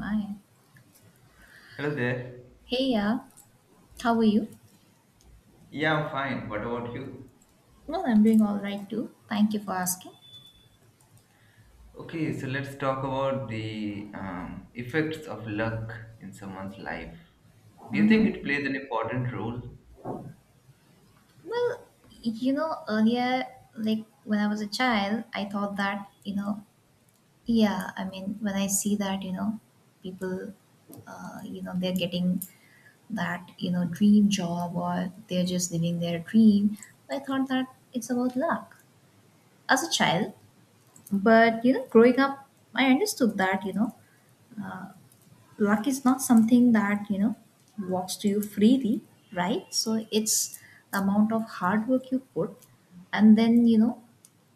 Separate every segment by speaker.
Speaker 1: Hi.
Speaker 2: Hello there.
Speaker 1: Hey, yeah. How are you?
Speaker 2: Yeah, I'm fine. What about you?
Speaker 1: Well, I'm doing all right too. Thank you for asking.
Speaker 2: Okay, so let's talk about the effects of luck in someone's life. Do you think
Speaker 1: Mm-hmm.
Speaker 2: it plays an important role?
Speaker 1: Well, earlier, like when I was a child, I thought that, when I see that, people, they're getting that, dream job or they're just living their dream, I thought that it's about luck as a child. But, growing up, I understood that, luck is not something that you know walks to you freely, right? So it's the amount of hard work you put, and then you know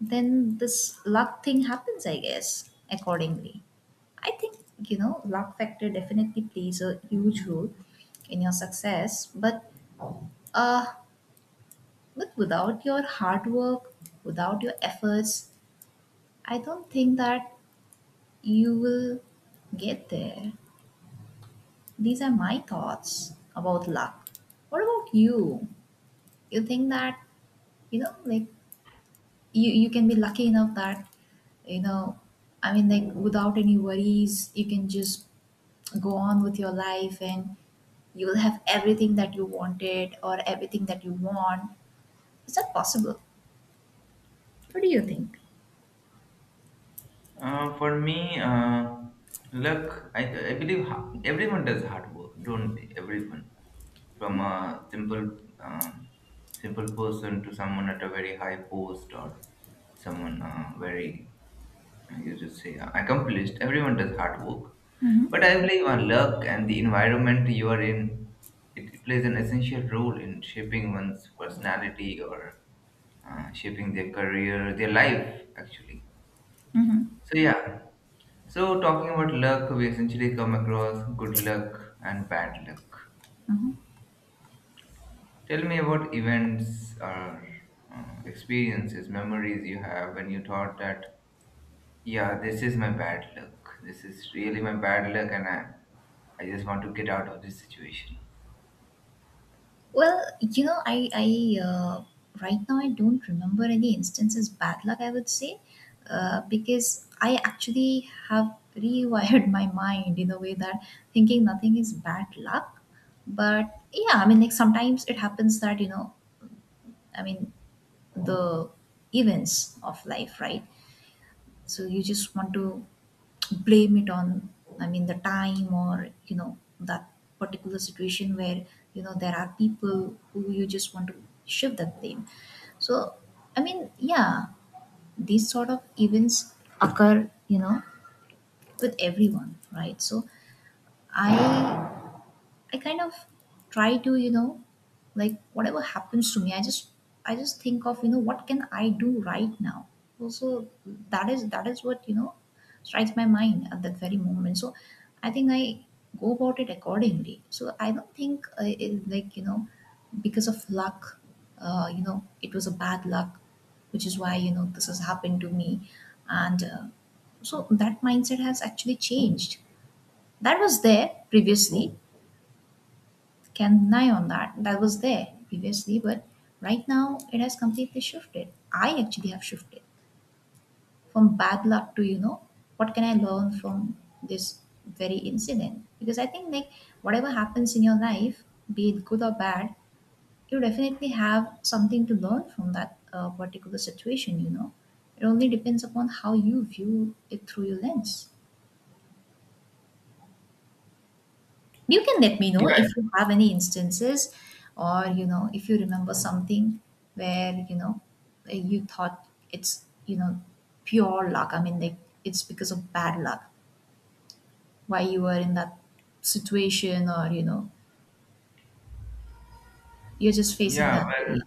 Speaker 1: then this luck thing happens, I guess, accordingly. I think, you know, luck factor definitely plays a huge role in your success, uh but without your hard work, without your efforts, I don't think that you will get there. These are my thoughts about luck. What about you? You think that, you know, like you can be lucky enough that, you know, I mean, like without any worries you can just go on with your life, and you will have everything that you wanted, or everything that you want. Is that possible? What do you think?
Speaker 2: For me, luck, I believe everyone does hard work, don't they? Everyone. From a simple, um simple person to someone at a very high post or someone very, you just say accomplished, everyone does hard work,
Speaker 1: Mm-hmm.
Speaker 2: but I believe on luck, and the environment you are in, it plays an essential role in shaping one's personality or shaping their career, their life actually.
Speaker 1: Mm-hmm.
Speaker 2: So yeah, so talking about luck, we essentially come across good luck and bad luck.
Speaker 1: Mm-hmm.
Speaker 2: Tell me about events or experiences, memories you have when you thought that, yeah, this is my bad luck. This is really my bad luck, and I just want to get out of this situation.
Speaker 1: Well, you know, I right now I don't remember any instances bad luck, I would say, because I actually have rewired my mind in a way that thinking nothing is bad luck. But yeah, I mean, like sometimes it happens that, I mean, the events of life, right? So you just want to blame it on, I mean, the time, or you know that particular situation where, you know, there are people who you just want to shift that blame. So, I mean, yeah, these sort of events occur, you know, with everyone, right? I I kind of try to, you know, like whatever happens to me, I just think of, you know, what can I do right now? Also, that is what, you know, strikes my mind at that very moment. So I think I go about it accordingly. So I don't think it, like, you know, because of luck, it was a bad luck, which is why, you know, this has happened to me. And so that mindset has actually changed. That was there previously, can deny on that. That was there previously, but right now it has completely shifted. I actually have shifted from bad luck to, you know, what can I learn from this very incident? Because I think, like, whatever happens in your life, be it good or bad, you definitely have something to learn from that particular situation, you know. It only depends upon how you view it through your lens. You can let me
Speaker 2: Yeah,
Speaker 1: know if you have any instances, or, you know, if you remember something where, you know, you thought it's, you know, pure luck. I mean, like it's because of bad luck why you were in that situation, or, you know, you're just facing
Speaker 2: yeah,
Speaker 1: that
Speaker 2: well,
Speaker 1: day.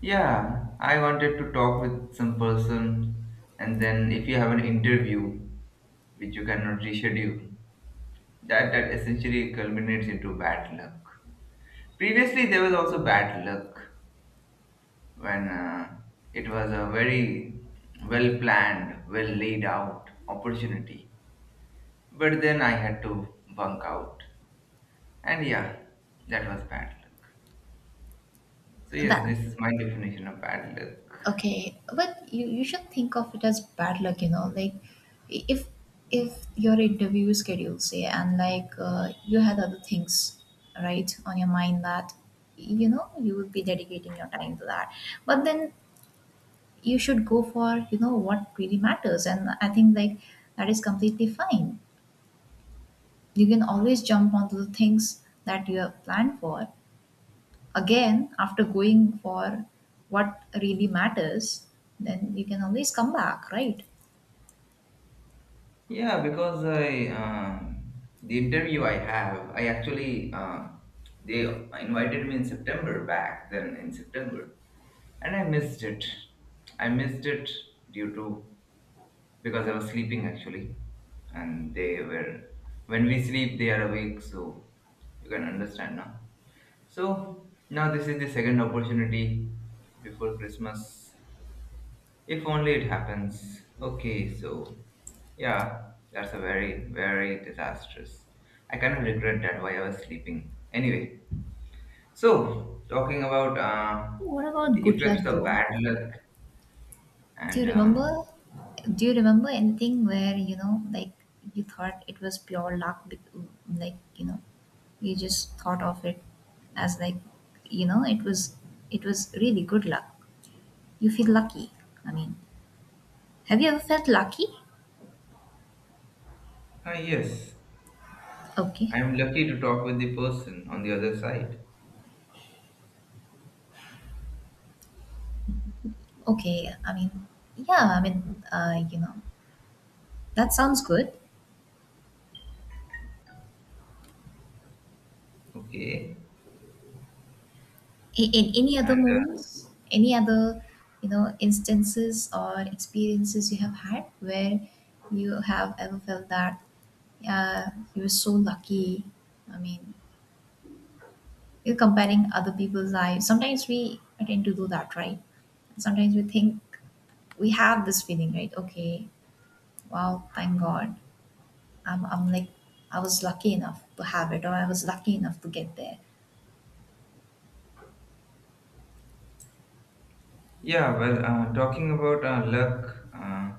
Speaker 2: yeah. I wanted to talk with some person, and then if you have an interview which you cannot reschedule, that essentially culminates into bad luck. Previously, there was also bad luck when it was a very well planned, well laid out opportunity, but then I had to bunk out. And yeah, that was bad luck. So, yes,
Speaker 1: That
Speaker 2: this is my definition of bad luck.
Speaker 1: okay, but you should think of it as bad luck, you know. Like, if if your interview schedule say, and like you had other things right on your mind, that you know you would be dedicating your time to that, but then you should go for you know what really matters, and I think like that is completely fine. You can always jump onto the things that you have planned for, again, after going for what really matters, then you can always come back, right?
Speaker 2: Yeah, because I, the interview I have, I actually, they invited me in September, back then in September, and I missed it. I missed it due to, because I was sleeping actually, and they were, when we sleep, they are awake, so you can understand now. So now this is the second opportunity before Christmas. If only it happens. Okay, so yeah, that's a very, very disastrous. I kind of regret that while I was sleeping. Anyway, so talking about
Speaker 1: What
Speaker 2: the
Speaker 1: about good luck,
Speaker 2: effects of
Speaker 1: though?
Speaker 2: bad luck,
Speaker 1: do
Speaker 2: and
Speaker 1: you remember do you remember anything where, you know, like you thought it was pure luck, like, you know, you just thought of it as, like, you know, it was really good luck. You feel lucky. I mean, have you ever felt lucky?
Speaker 2: ah, yes,
Speaker 1: Okay.
Speaker 2: I'm lucky to talk with the person on the other side.
Speaker 1: Okay, I mean, yeah, I mean, you know, that sounds good.
Speaker 2: Okay,
Speaker 1: In any other
Speaker 2: and
Speaker 1: moments, any other, you know, instances or experiences you have had where you have ever felt that, uh, you were so lucky. I mean, you're comparing other people's lives, sometimes we tend to do that, right? Sometimes we think we have this feeling, right? Okay, wow, thank god, I'm like I was lucky enough to have it, or I was lucky enough to get there.
Speaker 2: yeah, well, talking about luck,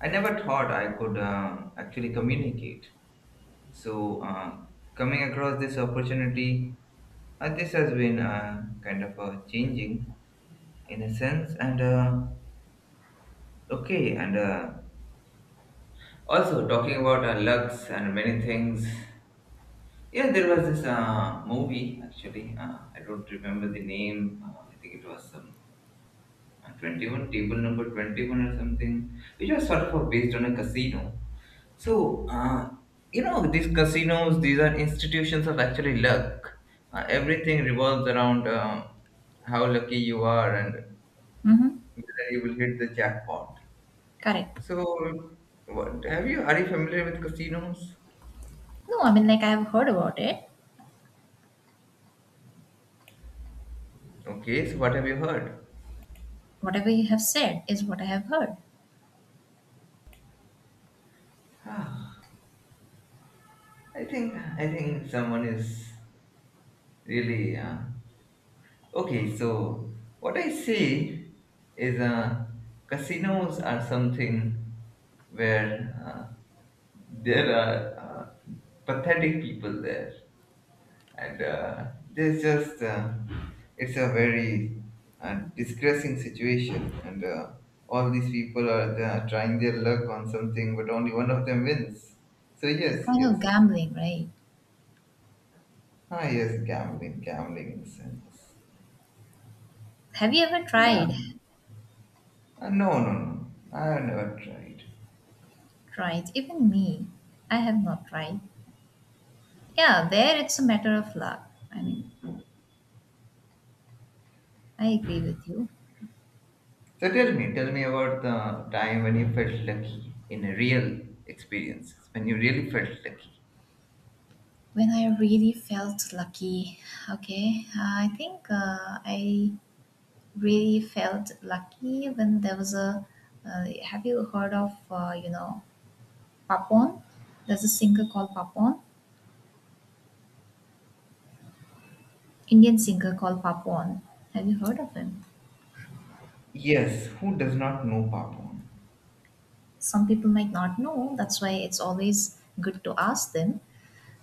Speaker 2: I never thought I could actually communicate. So, coming across this opportunity, this has been kind of changing in a sense. And okay, and also talking about lucks and many things. Yeah, there was this movie actually. I don't remember the name. I think it was 21, table number 21 or something, which was sort of based on a casino. So, you know, these casinos, these are institutions of actually luck. Everything revolves around how lucky you are and
Speaker 1: Mm-hmm.
Speaker 2: whether you will hit the jackpot.
Speaker 1: Correct.
Speaker 2: So, what have you? Are you familiar with casinos?
Speaker 1: No, I mean, like I've heard about it.
Speaker 2: Okay, so what have you heard?
Speaker 1: Whatever you have said is what I have heard.
Speaker 2: Ah, I think someone is really okay, so what I see is casinos are something where there are pathetic people there, and there's just it's a very distressing situation, and all these people are trying their luck on something, but only one of them wins. So
Speaker 1: It's
Speaker 2: yes,
Speaker 1: kind
Speaker 2: yes,
Speaker 1: of gambling, right?
Speaker 2: ah, yes, gambling, gambling in a sense.
Speaker 1: Have you ever
Speaker 2: Yeah,
Speaker 1: tried?
Speaker 2: No, no, no. I have never tried.
Speaker 1: Tried? Even me, I have not tried. Yeah, there it's a matter of luck. I mean, I agree with you.
Speaker 2: So tell me about the time when you felt lucky in a real experiences, when you really felt lucky.
Speaker 1: When I really felt lucky, okay, I really felt lucky when there was a. Have you heard of you know Papon? There's a singer called Papon, Indian singer called Papon. Have you heard of him?
Speaker 2: Yes, who does not know Papon?
Speaker 1: Some people might not know. That's why it's always good to ask them.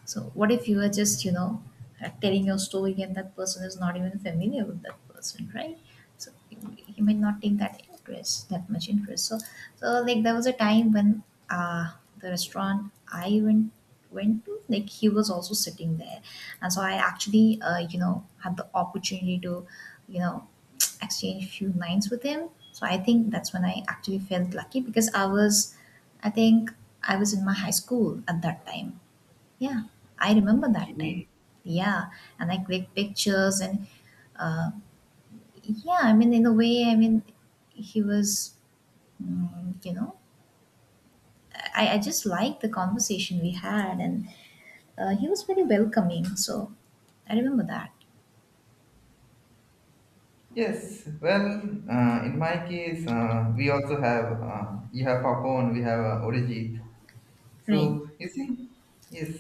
Speaker 1: So, what if you are just, you know, telling your story and that person is not even familiar with that person, right? So, he might not take that interest, that much interest. So, so like there was a time when uh, the restaurant I went went to, like he was also sitting there, and so I actually, you know, had the opportunity to, you know, exchange few lines with him. So I think that's when I actually felt lucky because I think I was in my high school at that time. Yeah, I remember that time.
Speaker 2: Okay.
Speaker 1: Yeah, and I clicked pictures and uh, yeah, I mean, in a way, I mean, he was, you know, I just liked the conversation we had, and he was very welcoming. So I remember that.
Speaker 2: Yes, well, in my case, we also have, you have Papon, we have Orijit.
Speaker 1: Right.
Speaker 2: So, you see, yes.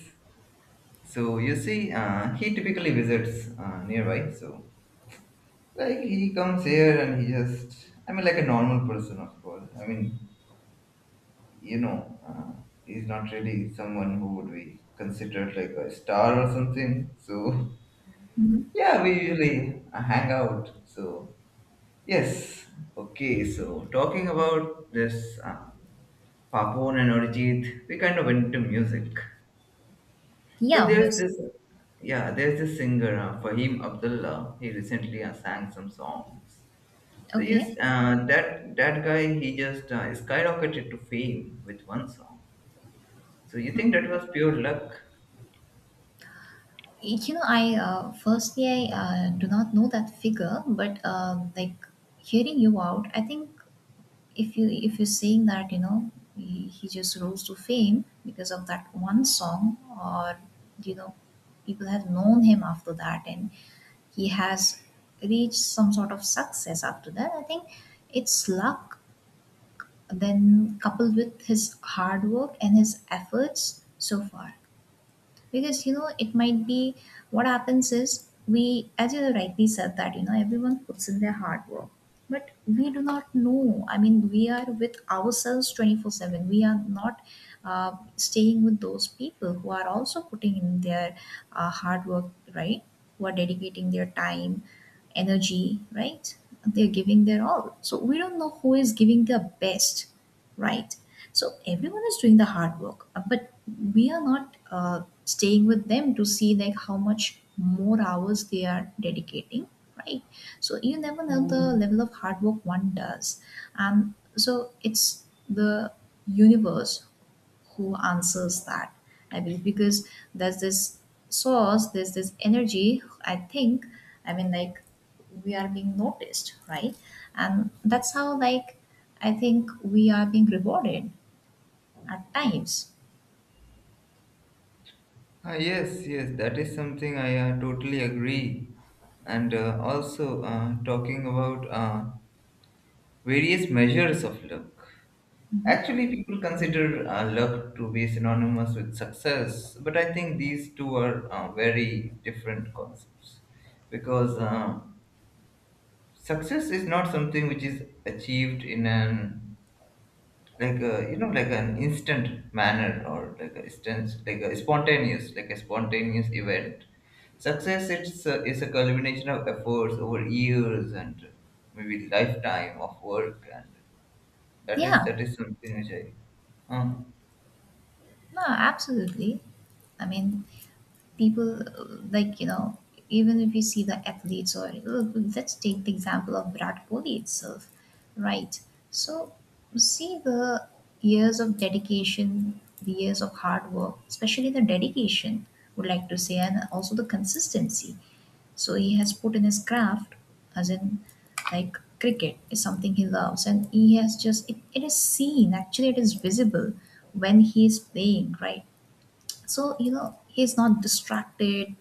Speaker 2: So, you see, he typically visits nearby. So, like, he comes here and he just, I mean, like a normal person, of course. I mean, you know, he's not really someone who would be considered like a star or something. So,
Speaker 1: Hmm.
Speaker 2: yeah, we usually hang out. So, yes, okay. So, talking about this Papon and Arijit, we kind of went to music. So,
Speaker 1: Yeah,
Speaker 2: there's
Speaker 1: music.
Speaker 2: this, yeah, there's this singer, Fahim Abdullah. He recently sang some songs. So, you,
Speaker 1: Okay.
Speaker 2: that guy, he just skyrocketed to fame with one song. So, you think that was pure luck?
Speaker 1: You know, I firstly I do not know that figure, but like hearing you out, I think if you if you're saying that, you know, he just rose to fame because of that one song, or you know people have known him after that, and he has reached some sort of success after that, I think it's luck then coupled with his hard work and his efforts so far. Because, you know, it might be what happens is we, as you rightly said that, you know, everyone puts in their hard work, but we do not know. I mean, we are with ourselves 24/7. We are not uh, staying with those people who are also putting in their hard work, right? Who are dedicating their time, energy, right? They're giving their all, so we don't know who is giving the best, right? So everyone is doing the hard work, but we are not staying with them to see like how much more hours they are dedicating, right? So you never know the level of hard work one does, and so it's the universe who answers that, I believe. Because there's this source, there's this energy, I think. I mean, like we are being noticed, right? And that's how, like, I think we are being rewarded at times.
Speaker 2: Ah, yes, yes, that is something I totally agree. And also, talking about various measures of luck.
Speaker 1: Mhm.
Speaker 2: Actually, people consider luck to be synonymous with success, but I think these two are very different concepts, because success is not something which is achieved in an, like you know, like an instant manner, or like a instance, like a spontaneous, like a spontaneous event. Success, it's a, is a culmination of efforts over years and maybe lifetime of work, and that is
Speaker 1: Yeah.
Speaker 2: that is something which I uh,
Speaker 1: No, absolutely. I mean, people like, you know, even if you see the athletes, or look, let's take the example of Virat Kohli itself, right? So, see the years of dedication, the years of hard work, especially the dedication, would like to say, and also the consistency. So, he has put in his craft, as in, like, cricket is something he loves, and he has just, it is seen, actually, it is visible when he is playing, right? So you know he's not distracted,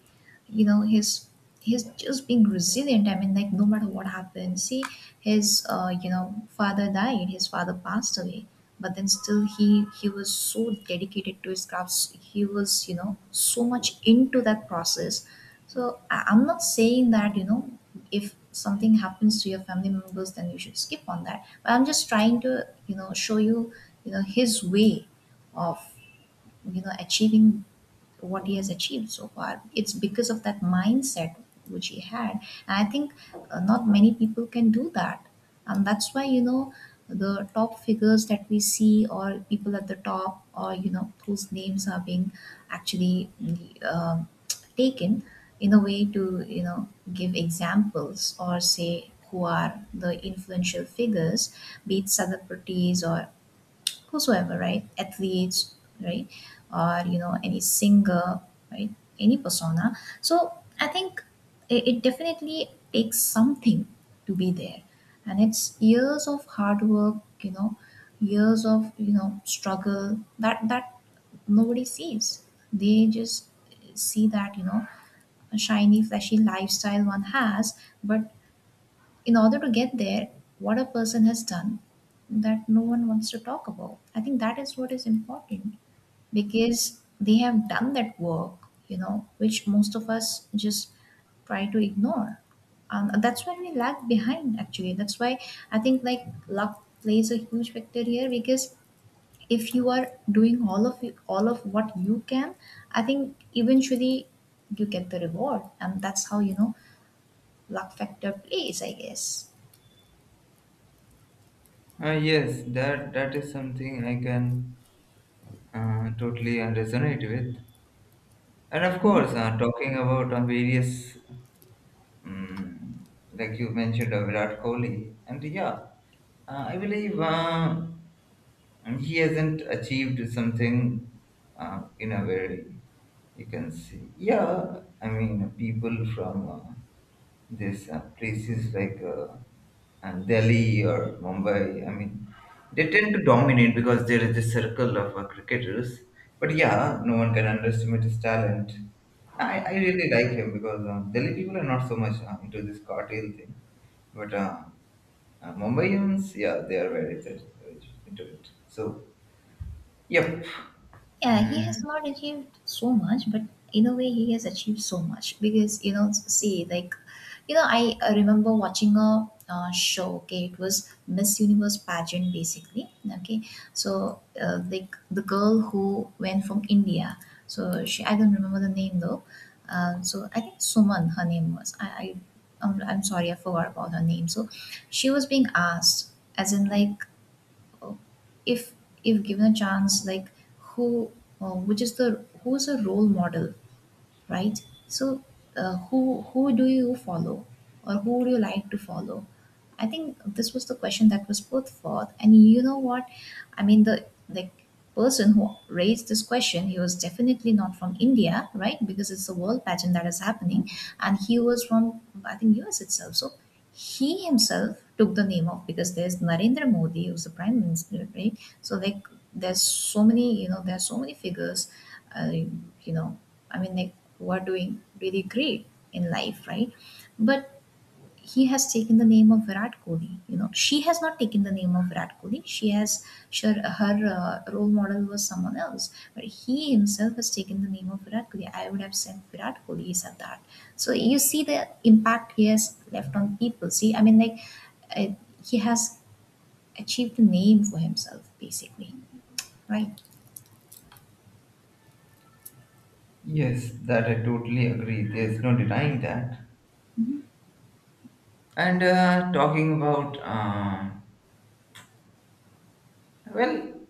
Speaker 1: you know, he's just being resilient. I mean, like no matter what happens, see, his you know father died his father passed away, but then still he was so dedicated to his crafts. He was, you know, so much into that process. So I'm not saying that, you know, if something happens to your family members then you should skip on that, but I'm just trying to, you know, show you, you know, his way of, you know, achieving what he has achieved so far. It's because of that mindset which he had, and I think not many people can do that. And that's why, you know, the top figures that we see, or people at the top, or you know whose names are being actually um taken in a way to, you know, give examples, or say who are the influential figures, be it celebrities or whosoever, right? Athletes, right? Or, you know, any singer, right? Any persona. So I think it definitely takes something to be there. And it's years of hard work, you know, years of, you know, struggle that, that nobody sees. They just see that, you know, a shiny, flashy lifestyle one has, but in order to get there, what a person has done that no one wants to talk about. I think that is what is important because they have done that work, which most of us just try to ignore. That's why we lag behind, actually. That's why I think like luck plays a huge factor here because if you are doing all of you, all of what you can, I think eventually you get the reward, and that's how luck factor plays, I guess.
Speaker 2: yes, that that is something I can totally resonate with, and of course talking about various. Mm, like you mentioned, Virat Kohli, and yeah, I believe he hasn't achieved something in a very, you can see. Yeah, I mean, people from there's places like and Delhi or Mumbai. I mean, they tend to dominate because there is a circle of cricketers. But yeah, no one can underestimate his talent. I really like him because Delhi people are not so much into this cartel thing. But Mumbaians, yeah, they are very into it. So, yep.
Speaker 1: Yeah, he has
Speaker 2: Mm,
Speaker 1: not achieved so much, but in a way, he has achieved so much because you know, see, like, I remember watching a show. Okay, it was Miss Universe pageant, basically. Okay, so like the girl who went from India. So she, I don't remember the name though. So I think Suman, her name was. I'm sorry, I forgot about her name. So she was being asked, as in like if if given a chance like who which is the who's a role model, right? So uh, who who do you follow or who would you like to follow? I think this was the question that was put forth, and you know what I mean, the person who raised this question, he was definitely not from India, right? Because it's a world pageant that is happening, and he was from, I think, US itself. So he himself took the name of, because there's Narendra Modi who's the prime minister, right? So like there's so many, there's so many figures, uh, you know, I mean, like, who are doing really great in life, right? But he has taken the name of Virat Kohli. You know, she has not taken the name of Virat Kohli. She has sure her role model was someone else, but he himself has taken the name of Virat Kohli. I would have said Virat Kohli is at that. So you see the impact he has left on people. See, I mean, like uh, he has achieved a name for himself, basically, right?
Speaker 2: yes, that I totally agree. There's no denying that. And talking about well,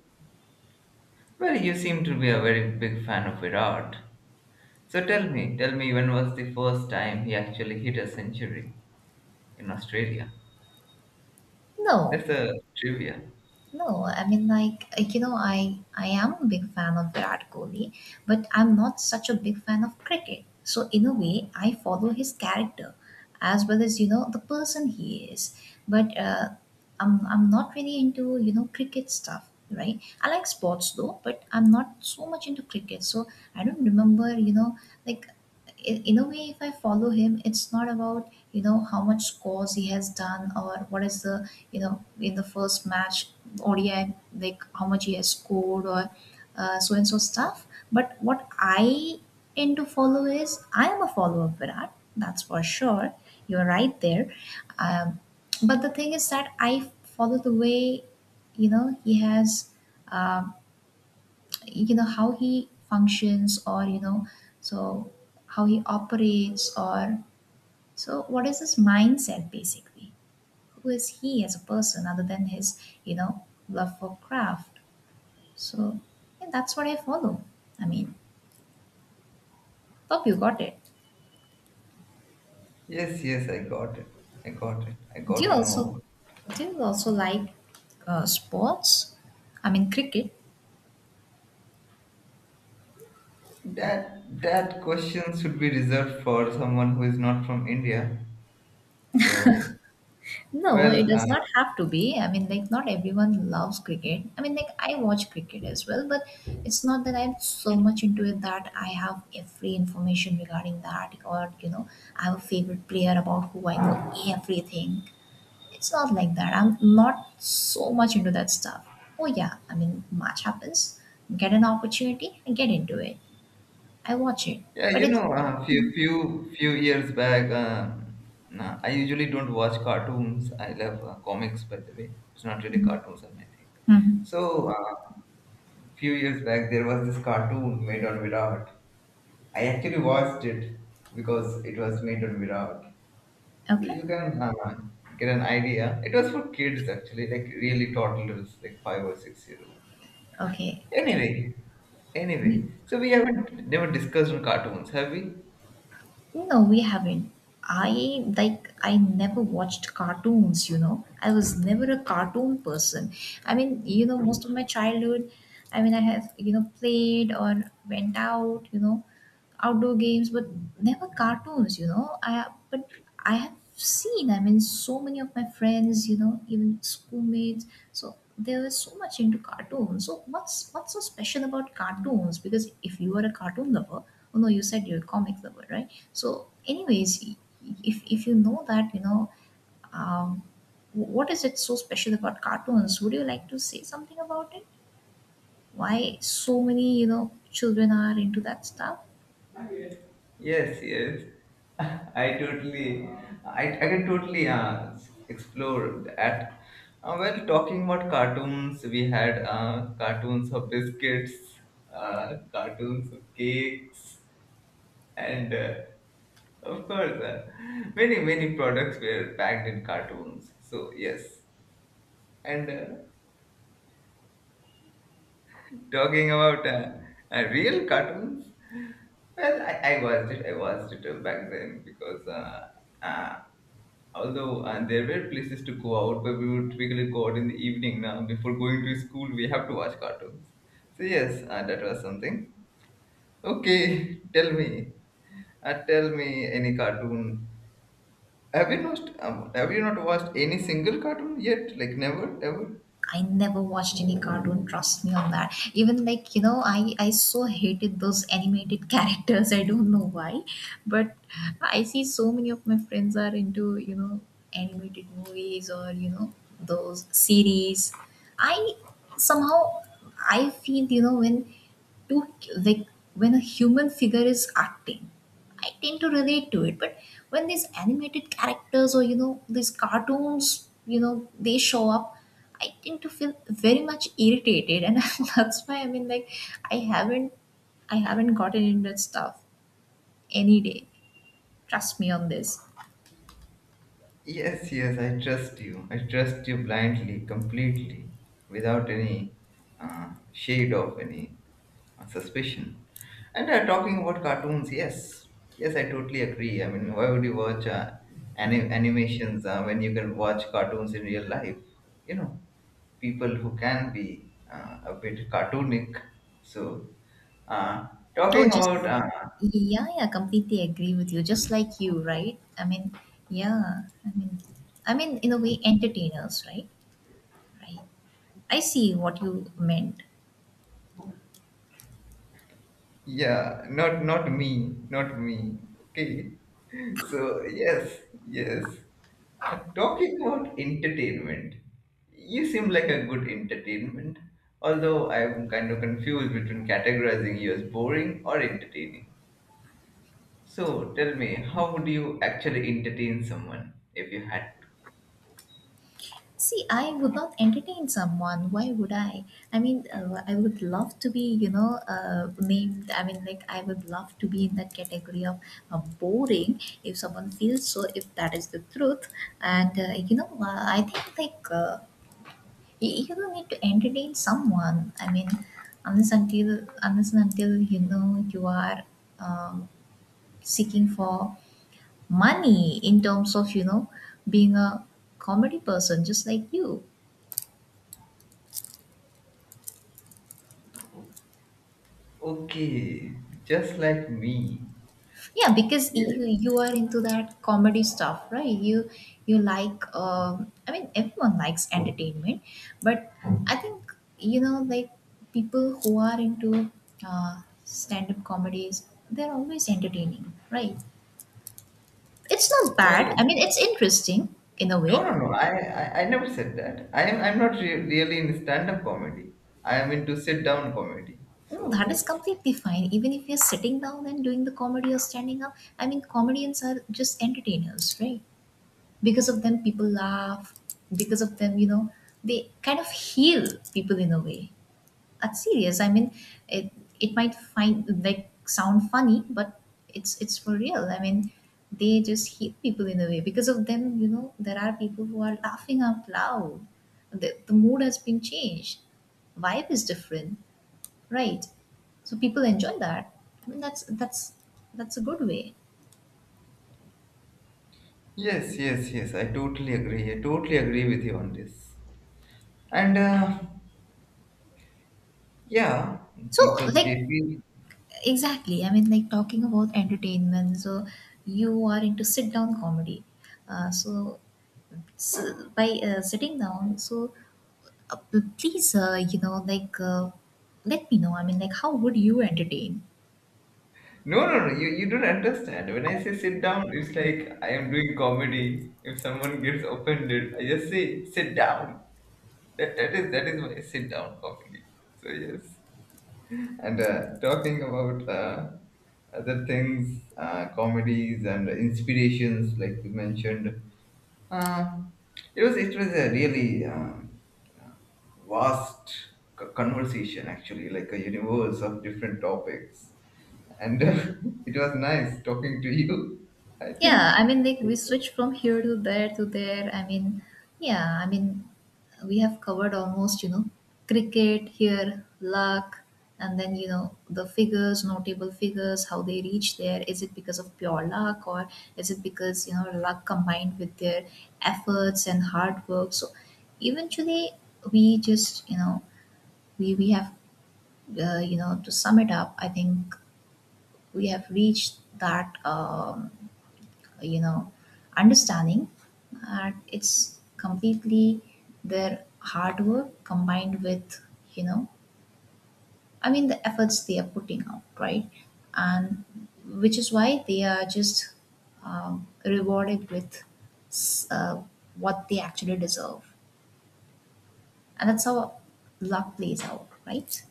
Speaker 2: well, you seem to be a very big fan of Virat. So tell me, when was the first time he actually hit a century in Australia? That's
Speaker 1: No.
Speaker 2: a trivia.
Speaker 1: No, I mean like I am a big fan of Virat Kohli, but I'm not such a big fan of cricket. So in a way, I follow his character as well as you know the person he is. But I'm not really into cricket stuff, right? I like sports though, but I'm not so much into cricket. So I don't remember like in a way if I follow him, it's not about how much scores he has done or what is the in the first match, ODI, like how much he has scored or so and so stuff. But what I tend to follow is I am a follower of Virat, that's for sure. You're right there. Um, but the thing is that I follow the way, he has, um how he functions, or, so how he operates, or so what is his mindset basically? Who is he as a person other than his, love for craft? So yeah, that's what I follow. I mean, hope you got it.
Speaker 2: Yes, yes, I got it. I got it. I
Speaker 1: Do
Speaker 2: got
Speaker 1: you
Speaker 2: to know
Speaker 1: also
Speaker 2: about
Speaker 1: do you also like sports? I mean, cricket.
Speaker 2: it. That that question should be reserved for someone who is not from India. So,
Speaker 1: No, it
Speaker 2: well,
Speaker 1: does not have to be. I mean, like, not everyone loves cricket. I mean, like, I watch cricket as well, but it's not that I'm so much into it that I have every information regarding that, or, you know, I have a favorite player about who I know everything. It's not like that. I'm not so much into that stuff. Oh yeah, I mean, match happens. Get an opportunity and get into it. I watch it,
Speaker 2: yeah,
Speaker 1: but
Speaker 2: you
Speaker 1: it's
Speaker 2: know, uh, few years back, nah, I usually don't watch cartoons. I love comics, by the way. It's not really cartoons, I might think.
Speaker 1: Mhm.
Speaker 2: So, few years back, there was this cartoon made on Virat. I actually watched it because it was made on Virat. So
Speaker 1: Okay.
Speaker 2: you can get an idea. It was for kids actually, like really toddlers, like 5 or 6 year old.
Speaker 1: Okay.
Speaker 2: Anyway, anyway, so we haven't never discussed on cartoons, have we?
Speaker 1: No, we haven't. I like I never watched cartoons, you know. I was never a cartoon person. I mean, you know, most of my childhood, I mean, I have, you know, played or went out, you know, outdoor games, but never cartoons, you know. I but I have seen, I mean, so many of my friends, you know, even schoolmates, so they were so much into cartoons. So what's so special about cartoons? Because if you are a cartoon lover, oh no, you said you're a comic lover, right? So, anyways, if you know that, um, what is it so special about cartoons? Would you like to say something about it? Why so many, you know, children are into that stuff?
Speaker 2: Yes, yes. I totally, I can totally explore that. Well, talking about cartoons, we had cartoons of biscuits, cartoons of cakes, and of course, many, many products were packed in cartoons. So, yes. And talking about real cartoons, well, I watched it. I watched it back then, because uh, although and there were places to go out, but we would typically go out in the evening. Now before going to school we have to watch cartoons. So yes, that was something. Okay, tell me, tell me any cartoon. Have you not watched any single cartoon yet, like never ever?
Speaker 1: I never watched any cartoon. Trust me on that. Even like you know, I so hated those animated characters. I don't know why, but I see so many of my friends are into animated movies or those series. I somehow I feel you know when to like when a human figure is acting, I tend to relate to it. But when these animated characters or, you know, these cartoons, you know, they show up, I tend to feel very much irritated and that's why, I mean, like, i haven't I haven't gotten into that stuff any day. Trust me on this.
Speaker 2: Yes, yes, I trust you. I trust you blindly, completely, without any shade of any suspicion. And talking about cartoons, yes, yes, I totally agree. I mean, why would you watch animations when you can watch cartoons in real life? You know, people who can be a bit cartoonic. So, uh,
Speaker 1: Oh
Speaker 2: talking
Speaker 1: just
Speaker 2: about
Speaker 1: yeah, yeah, completely agree with you, just like you, right? I mean, yeah, I mean, I mean, in a way, entertainers, right? Right. I see what you meant.
Speaker 2: yeah, not not me, not me. Okay. So yes, yes. Talking about entertainment, you seem like a good entertainment. Although I'm kind of confused between categorizing you as boring or entertaining. So tell me, how would you actually entertain someone if you had to?
Speaker 1: See, I would not entertain someone. Why would I? I mean, I would love to be, named. I mean, like, I would love to be in that category of boring if someone feels so, if that is the truth. And, I think, like, you, you don't need to entertain someone. I mean, unless and until, you know, you are um seeking for money in terms of you know being a comedy person just like you.
Speaker 2: Okay, just like me.
Speaker 1: Yeah, because
Speaker 2: Yes.
Speaker 1: you are into that comedy stuff, right? You like I mean everyone likes entertainment, but I think you know like people who are into stand-up comedies, they're always entertaining, right? It's not
Speaker 2: Well,
Speaker 1: bad, I mean, it's interesting in a
Speaker 2: no,
Speaker 1: way.
Speaker 2: no, no. I never said that. I'm not really in stand-up comedy. I am into sit-down comedy.
Speaker 1: No,
Speaker 2: So
Speaker 1: that is
Speaker 2: yes,
Speaker 1: completely fine. Even if you're sitting down and doing the comedy or standing up, I mean, comedians are just entertainers, right? Because of them, people laugh. Because of them, you know, they kind of heal people in a way. That's serious. I mean, it it might find like sound funny, but it's for real. I mean, they just heal people in a way. Because of them, you know, there are people who are laughing out loud. The mood has been changed, vibe is different. Right. So people enjoy that. I mean that's a good way.
Speaker 2: yes, yes, yes. I totally agree. I totally agree with you on this. And yeah,
Speaker 1: So
Speaker 2: people
Speaker 1: like
Speaker 2: they feel.
Speaker 1: exactly, I mean like talking about entertainment. So you are into sit down comedy. Uh, so, so by sitting down, so please let me know. I mean like how would you entertain?
Speaker 2: No, no, no. You don't understand. When I say sit down, it's like I am doing comedy. If someone gets offended, I just say sit down. That is my sit down comedy. So yes. And talking about other things, comedies and inspirations, like you mentioned, uh, it was a really vast conversation actually, like a universe of different topics, and it was nice talking to you. I
Speaker 1: Yeah,
Speaker 2: think
Speaker 1: I mean, like we switch from here to there to there. I mean, yeah, I mean, we have covered almost, you know, cricket here, luck, and then, you know, the figures, notable figures, how they reach there. Is it because of pure luck or is it because, you know, luck combined with their efforts and hard work? So eventually, we just, you know, we have, to sum it up, I think we have reached that. You know understanding, and it's completely their hard work combined with you know I mean the efforts they are putting out, right? And which is why they are just rewarded with s- uh, what they actually deserve, and that's how luck plays out, right?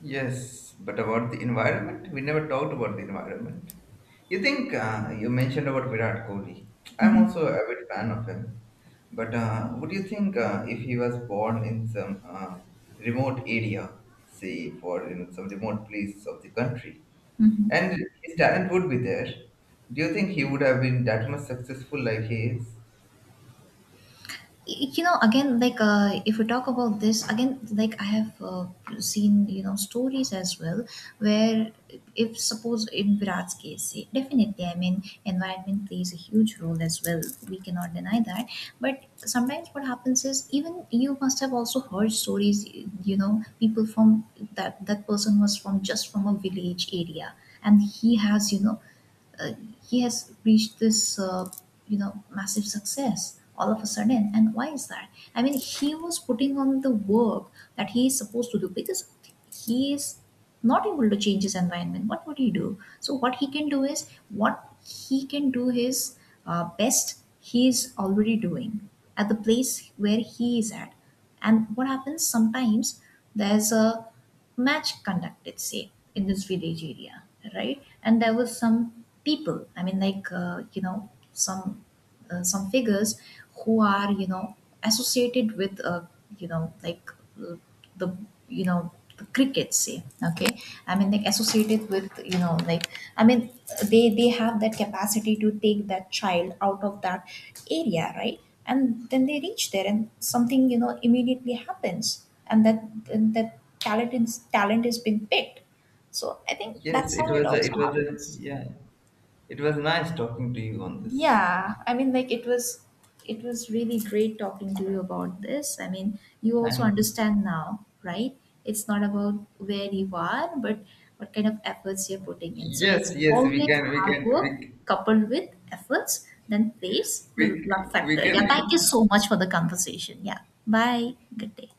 Speaker 2: yes, but about the environment, we never talked about the environment. You think you mentioned about Virat Kohli. I'm
Speaker 1: Hmm.
Speaker 2: also a bit fan of him. But what do you think, if he was born in some remote area, say for you know, some remote place of the country,
Speaker 1: Hmm.
Speaker 2: and his talent would be there? Do you think he would have been that much successful like he is?
Speaker 1: You know again like if we talk about this again, like, I have seen you know stories as well where if suppose in Virat's case, say, definitely, I mean environment plays a huge role as well. We cannot deny that, but sometimes what happens is, even you must have also heard stories, you know, people from that person was from just from a village area, and he has you know uh, he has reached this you know massive success all of a sudden. And why is that? I mean, he was putting on the work that he is supposed to do, because he is not able to change his environment, what would he do? So what he can do is what he can do, his best he is already doing at the place where he is at. And what happens sometimes, there's a match conducted, say, in this village area, right? And there were some people, I mean, like, some figures who are, you know, associated with, you know, like uh, the you know the crickets, say. Okay. I mean, like, associated with, you know, like, I mean, they have that capacity to take that child out of that area, right? And then they reach there, and something, you know, immediately happens, and that talent, is talent is being picked. So I think
Speaker 2: Yes,
Speaker 1: that's how it also
Speaker 2: it was a,
Speaker 1: happens.
Speaker 2: yeah, it was nice talking to you on this, and
Speaker 1: Yeah, I mean, like it was really great talking to you about this. I mean, you also
Speaker 2: thanks.
Speaker 1: understand now, right? It's not about where you are, but what kind of efforts you're putting in. So
Speaker 2: Yes,
Speaker 1: it's
Speaker 2: yes,
Speaker 1: always hard work coupled with efforts, then place the
Speaker 2: we,
Speaker 1: luck
Speaker 2: we
Speaker 1: factor.
Speaker 2: can.
Speaker 1: Yeah, thank you so much for the conversation. Yeah, bye. Good day.